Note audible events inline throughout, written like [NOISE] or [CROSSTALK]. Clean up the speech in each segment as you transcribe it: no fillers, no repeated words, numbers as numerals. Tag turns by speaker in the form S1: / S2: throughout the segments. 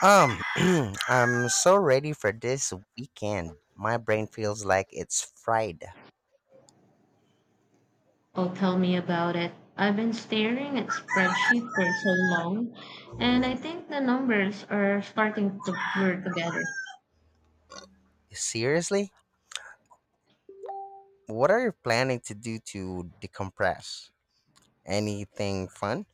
S1: Um, [CLEARS THROAT] I'm so ready for this weekend. My brain feels like it's fried.
S2: Oh, tell me about it. I've been staring at spreadsheet for so long, and I think the numbers are starting to blur together.
S1: Seriously? What are you planning to do to decompress? Anything fun?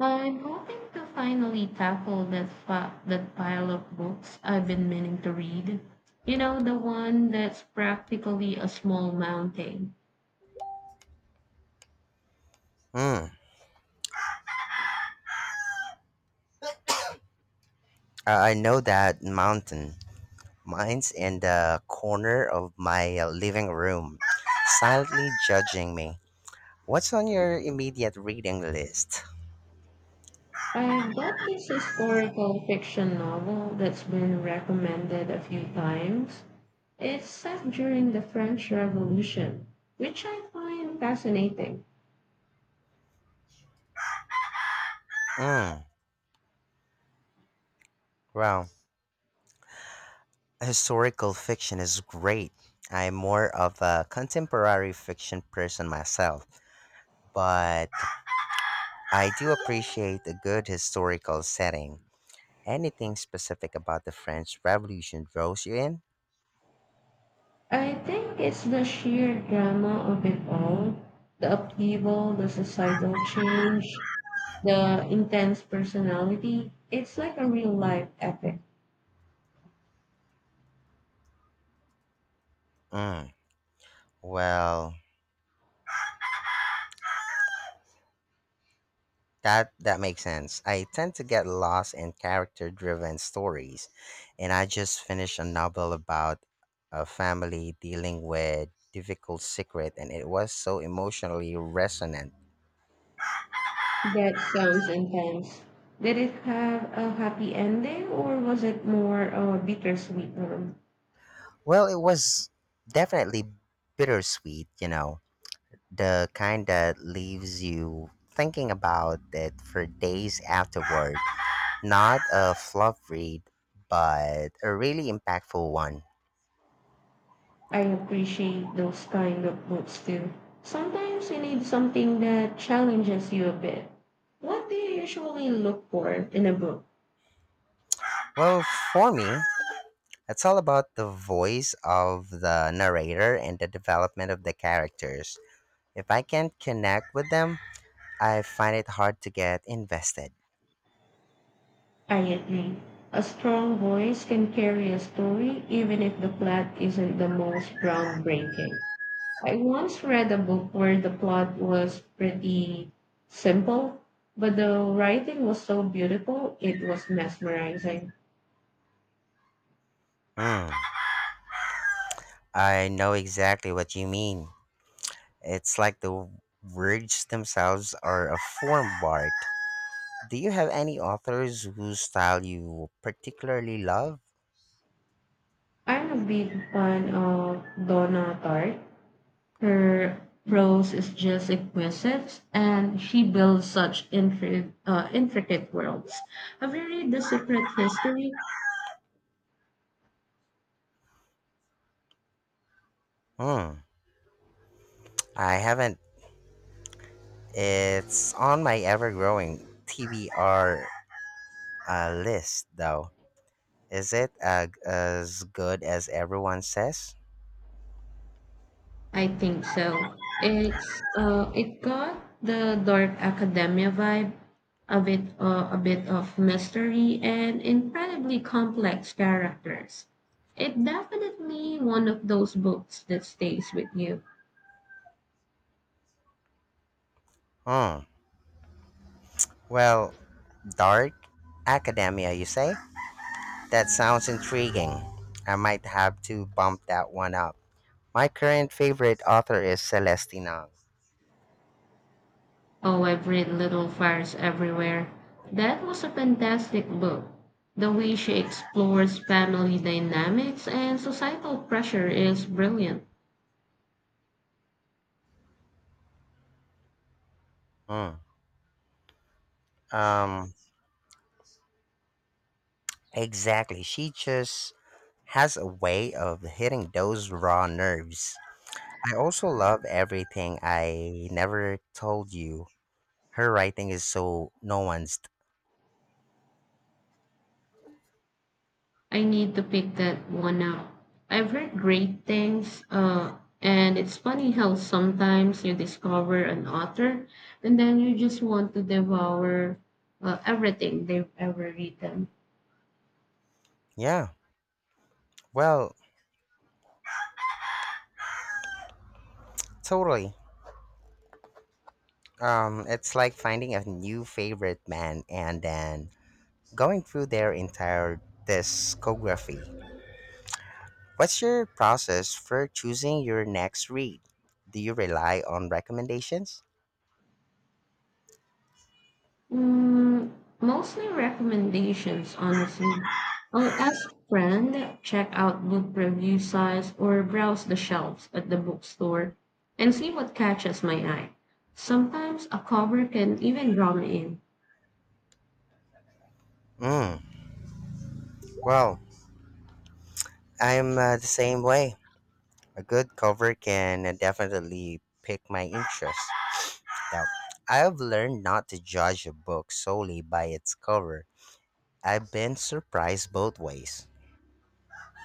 S2: I'm hoping to finally tackle that pile of books I've been meaning to read. You know, the one that's practically a small mountain.
S1: Hmm. I know that mountain. Mine's in the corner of my living room, silently judging me. What's on your immediate reading list?
S2: I've got this historical fiction novel that's been recommended a few times. It's set during the French Revolution, which I find fascinating.
S1: Hmm. Wow. Historical fiction is great. I'm more of a contemporary fiction person myself, but I do appreciate a good historical setting. Anything specific about the French Revolution draws you in?
S2: I think it's the sheer drama of it all, the upheaval, the societal change, the intense personality. It's like a real life epic.
S1: Mm, well, that makes sense. I tend to get lost in character-driven stories, and I just finished a novel about a family dealing with difficult secret, and it was so emotionally resonant.
S2: That sounds intense. Did it have a happy ending or was it more a bittersweet one?
S1: Well, it was definitely bittersweet, you know, the kind that leaves you thinking about it for days afterward. Not a fluff read, but a really impactful one.
S2: I appreciate those kind of books too. Sometimes you need something that challenges you a bit. What do you usually look for in a book?
S1: Well, for me, it's all about the voice of the narrator and the development of the characters. If I can't connect with them, I find it hard to get invested.
S2: I agree. A strong voice can carry a story even if the plot isn't the most groundbreaking. I once read a book where the plot was pretty simple, but the writing was so beautiful, it was mesmerizing.
S1: Mm. I know exactly what you mean. It's like the words themselves are a form of art. Do you have any authors whose style you particularly love?
S2: I'm a big fan of Donna Tartt. Her prose is just exquisite, and she builds such intricate, intricate worlds. Have you read The Secret History?
S1: Hmm, I haven't. It's on my ever growing TBR list, though. Is it as good as everyone says?
S2: I think so. It's it got the dark academia vibe, a bit of mystery and incredibly complex characters. It definitely one of those books that stays with you.
S1: Hmm, well, dark academia, you say? That sounds intriguing. I might have to bump that one up. My current favorite author is Celestina.
S2: Oh, I've read Little Fires Everywhere. That was a fantastic book. The way she explores family dynamics and societal pressure is brilliant.
S1: Ang. Hmm. Exactly. She just has a way of hitting those raw nerves. I also love everything I never told you. Her writing is so nuanced.
S2: I need to pick that one up. I've heard great things, and it's funny how sometimes you discover an author and then you just want to devour everything they've ever written.
S1: Yeah, well, totally. It's like finding a new favorite band and then going through their entire discography. What's your process for choosing your next read? Do you rely on recommendations?
S2: Mm, mostly recommendations, honestly. I'll ask friend, check out book review sites, or browse the shelves at the bookstore and see what catches my eye. Sometimes a cover can even draw me in.
S1: Mm, well, I'm the same way. A good cover can definitely pick my interest. Now, I've learned not to judge a book solely by its cover. I've been surprised both ways.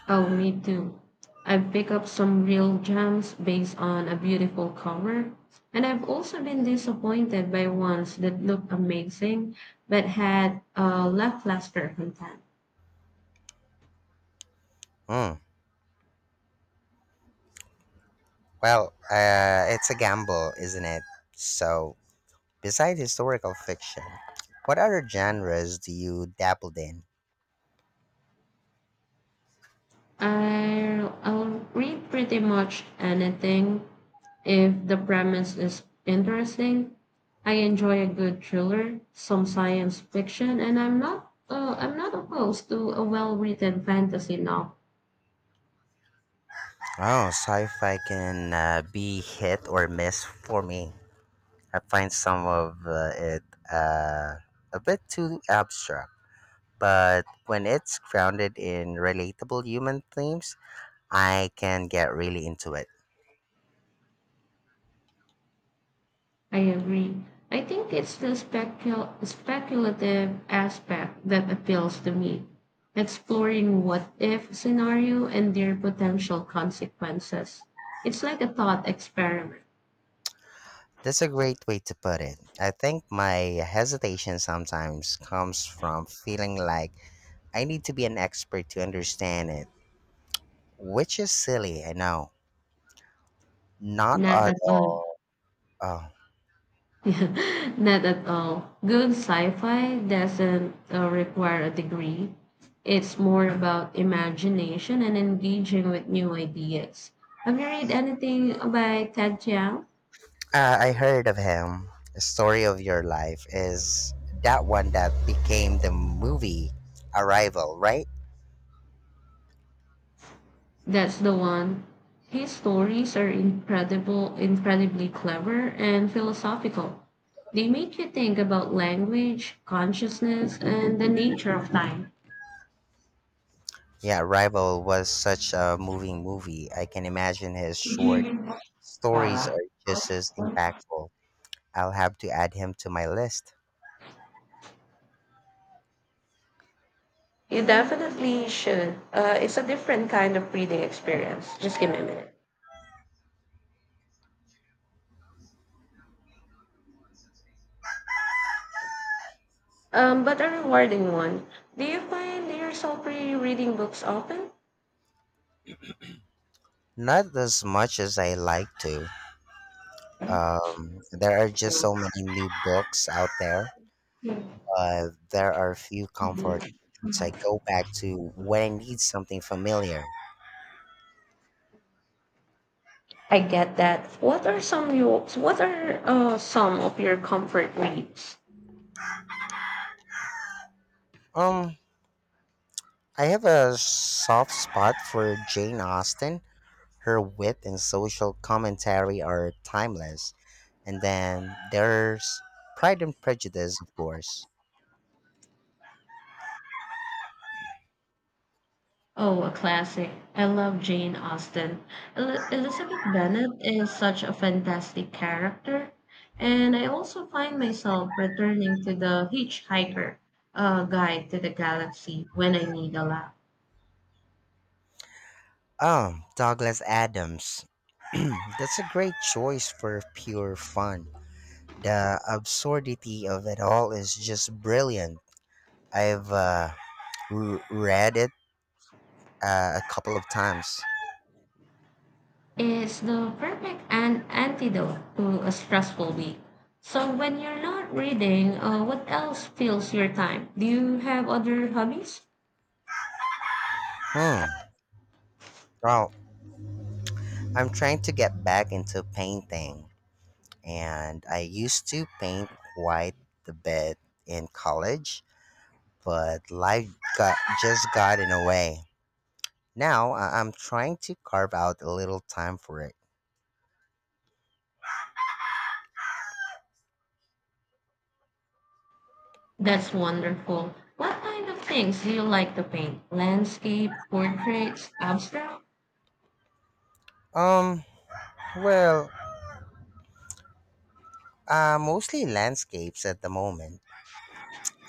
S2: Oh, me too. I've picked up some real gems based on a beautiful cover, and I've also been disappointed by ones that looked amazing but had a lackluster content.
S1: Mm, well, it's a gamble, isn't it? So, besides historical fiction, what other genres do you dabble in?
S2: I'll read pretty much anything if the premise is interesting. I enjoy a good thriller, some science fiction, and I'm not opposed to a well-written fantasy novel.
S1: Oh, sci-fi can be hit or miss for me. I find some of it uh, a bit too abstract, but when it's grounded in relatable human themes, I can get really into it.
S2: I agree. I think it's the speculative aspect that appeals to me, exploring what if scenario and their potential consequences. It's like a thought experiment,
S1: That's a great way to put it. I think my hesitation sometimes comes from feeling like I need to be an expert to understand it, which is silly, I know. Not
S2: not
S1: at
S2: at all.
S1: all. Oh.
S2: [LAUGHS] Not at all. Good sci-fi doesn't require a degree. It's more about imagination and engaging with new ideas. Have you read anything by Ted Chiang?
S1: I heard of him. The story of your life is that one that became the movie Arrival, right?
S2: That's the one. His stories are incredible, incredibly clever and philosophical. They make you think about language, consciousness, and the nature of time.
S1: Yeah, Arrival was such a moving movie. I can imagine his short stories are just as impactful. I'll have to add him to my list.
S2: You definitely should. It's a different kind of reading experience. Just give me a minute. But a rewarding one. Do you find yourself re-reading books often?
S1: Not as much as I like to. There are just so many new books out there.
S2: Hmm.
S1: There are few comfort reads I go back to when I need something familiar.
S2: I get that. What are some of your comfort reads?
S1: Um, I have a soft spot for Jane Austen. Her wit and social commentary are timeless. And then there's Pride and Prejudice, of course.
S2: Oh, a classic. I love Jane Austen. Elizabeth Bennet is such a fantastic character. And I also find myself returning to the Hitchhiker Guide to the Galaxy when I need a laugh.
S1: Oh, Douglas Adams. [CLEARS THROAT] That's a great choice for pure fun. The absurdity of it all is just brilliant. I've read it a couple of times.
S2: Is the perfect an antidote to a stressful week. So when you're not reading, what else fills your time? Do you have other hobbies?
S1: Hmm. Well, I'm trying to get back into painting. And I used to paint quite the bit in college, but got, just got in the way. Now I'm trying to carve out a little time for it.
S2: That's wonderful. What kind of things do you like to paint? Landscape, portraits, abstract?
S1: Um, well, mostly landscapes at the moment.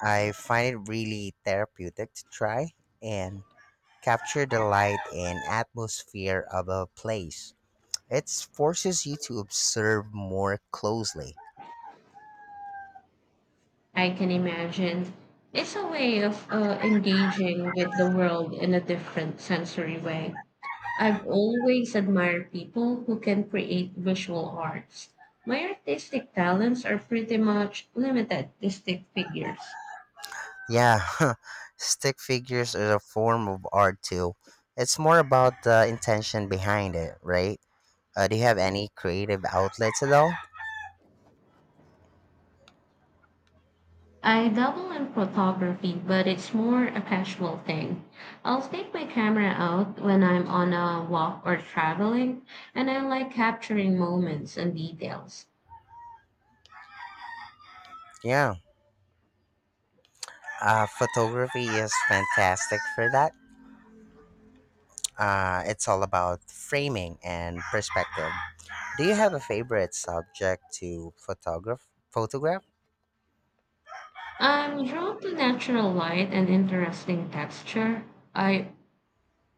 S1: I find it really therapeutic to try and capture the light and atmosphere of a place. It forces you to observe more closely.
S2: I can imagine. It's a way of engaging with the world in a different sensory way. I've always admired people who can create visual arts. My artistic talents are pretty much limited to stick figures.
S1: Yeah, [LAUGHS] stick figures is a form of art too. It's more about the intention behind it, right? Do you have any creative outlets at all?
S2: I dabble in photography, but it's more a casual thing. I'll take my camera out when I'm on a walk or traveling, and I like capturing moments and details.
S1: Yeah, photography is fantastic for that. It's all about framing and perspective. Do you have a favorite subject to photograph? Photograph?
S2: I'm drawn to natural light and interesting texture. I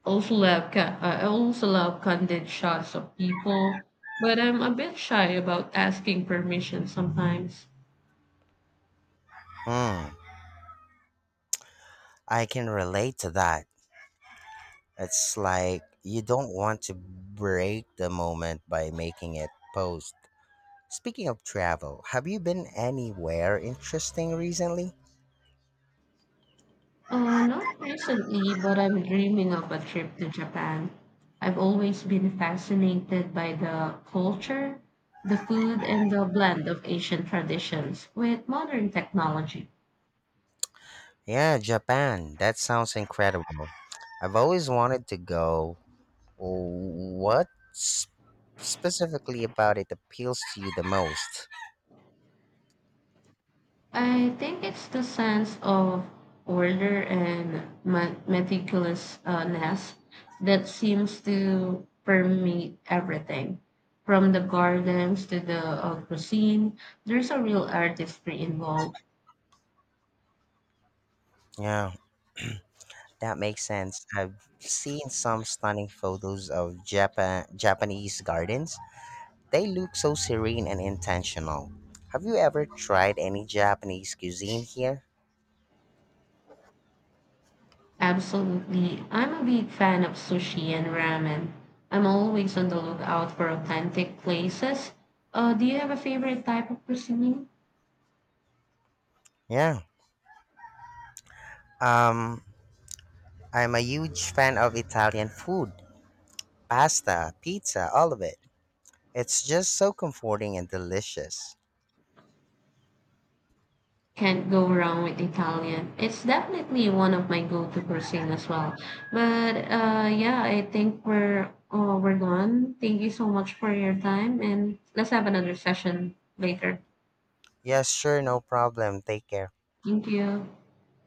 S2: I also love candid shots of people, but I'm a bit shy about asking permission sometimes.
S1: Hmm, I can relate to that. It's like you don't want to break the moment by making it pose. Speaking of travel, have you been anywhere interesting recently?
S2: Not recently, but I'm dreaming of a trip to Japan. I've always been fascinated by the culture, the food, and the blend of Asian traditions with modern technology.
S1: Yeah, Japan. That sounds incredible. I've always wanted to go. What s- specifically about it appeals to you the most?
S2: I think it's the sense of order and meticulousness that seems to permeate everything. From the gardens to the cuisine, there's a real artistry involved.
S1: Yeah, that makes sense. I've seen some stunning photos of Japanese gardens. They look so serene and intentional. Have you ever tried any Japanese cuisine here?
S2: Absolutely. I'm a big fan of sushi and ramen. I'm always on the lookout for authentic places. Do you have a favorite type of cuisine?
S1: Yeah. Um, I'm a huge fan of Italian food, pasta, pizza, all of it. It's just so comforting and delicious.
S2: Can't go wrong with Italian. It's definitely one of my go-to cuisine as well. But yeah, I think we're done. Thank you so much for your time, and let's have another session later.
S1: Yes, sure, no problem. Take care.
S2: Thank you.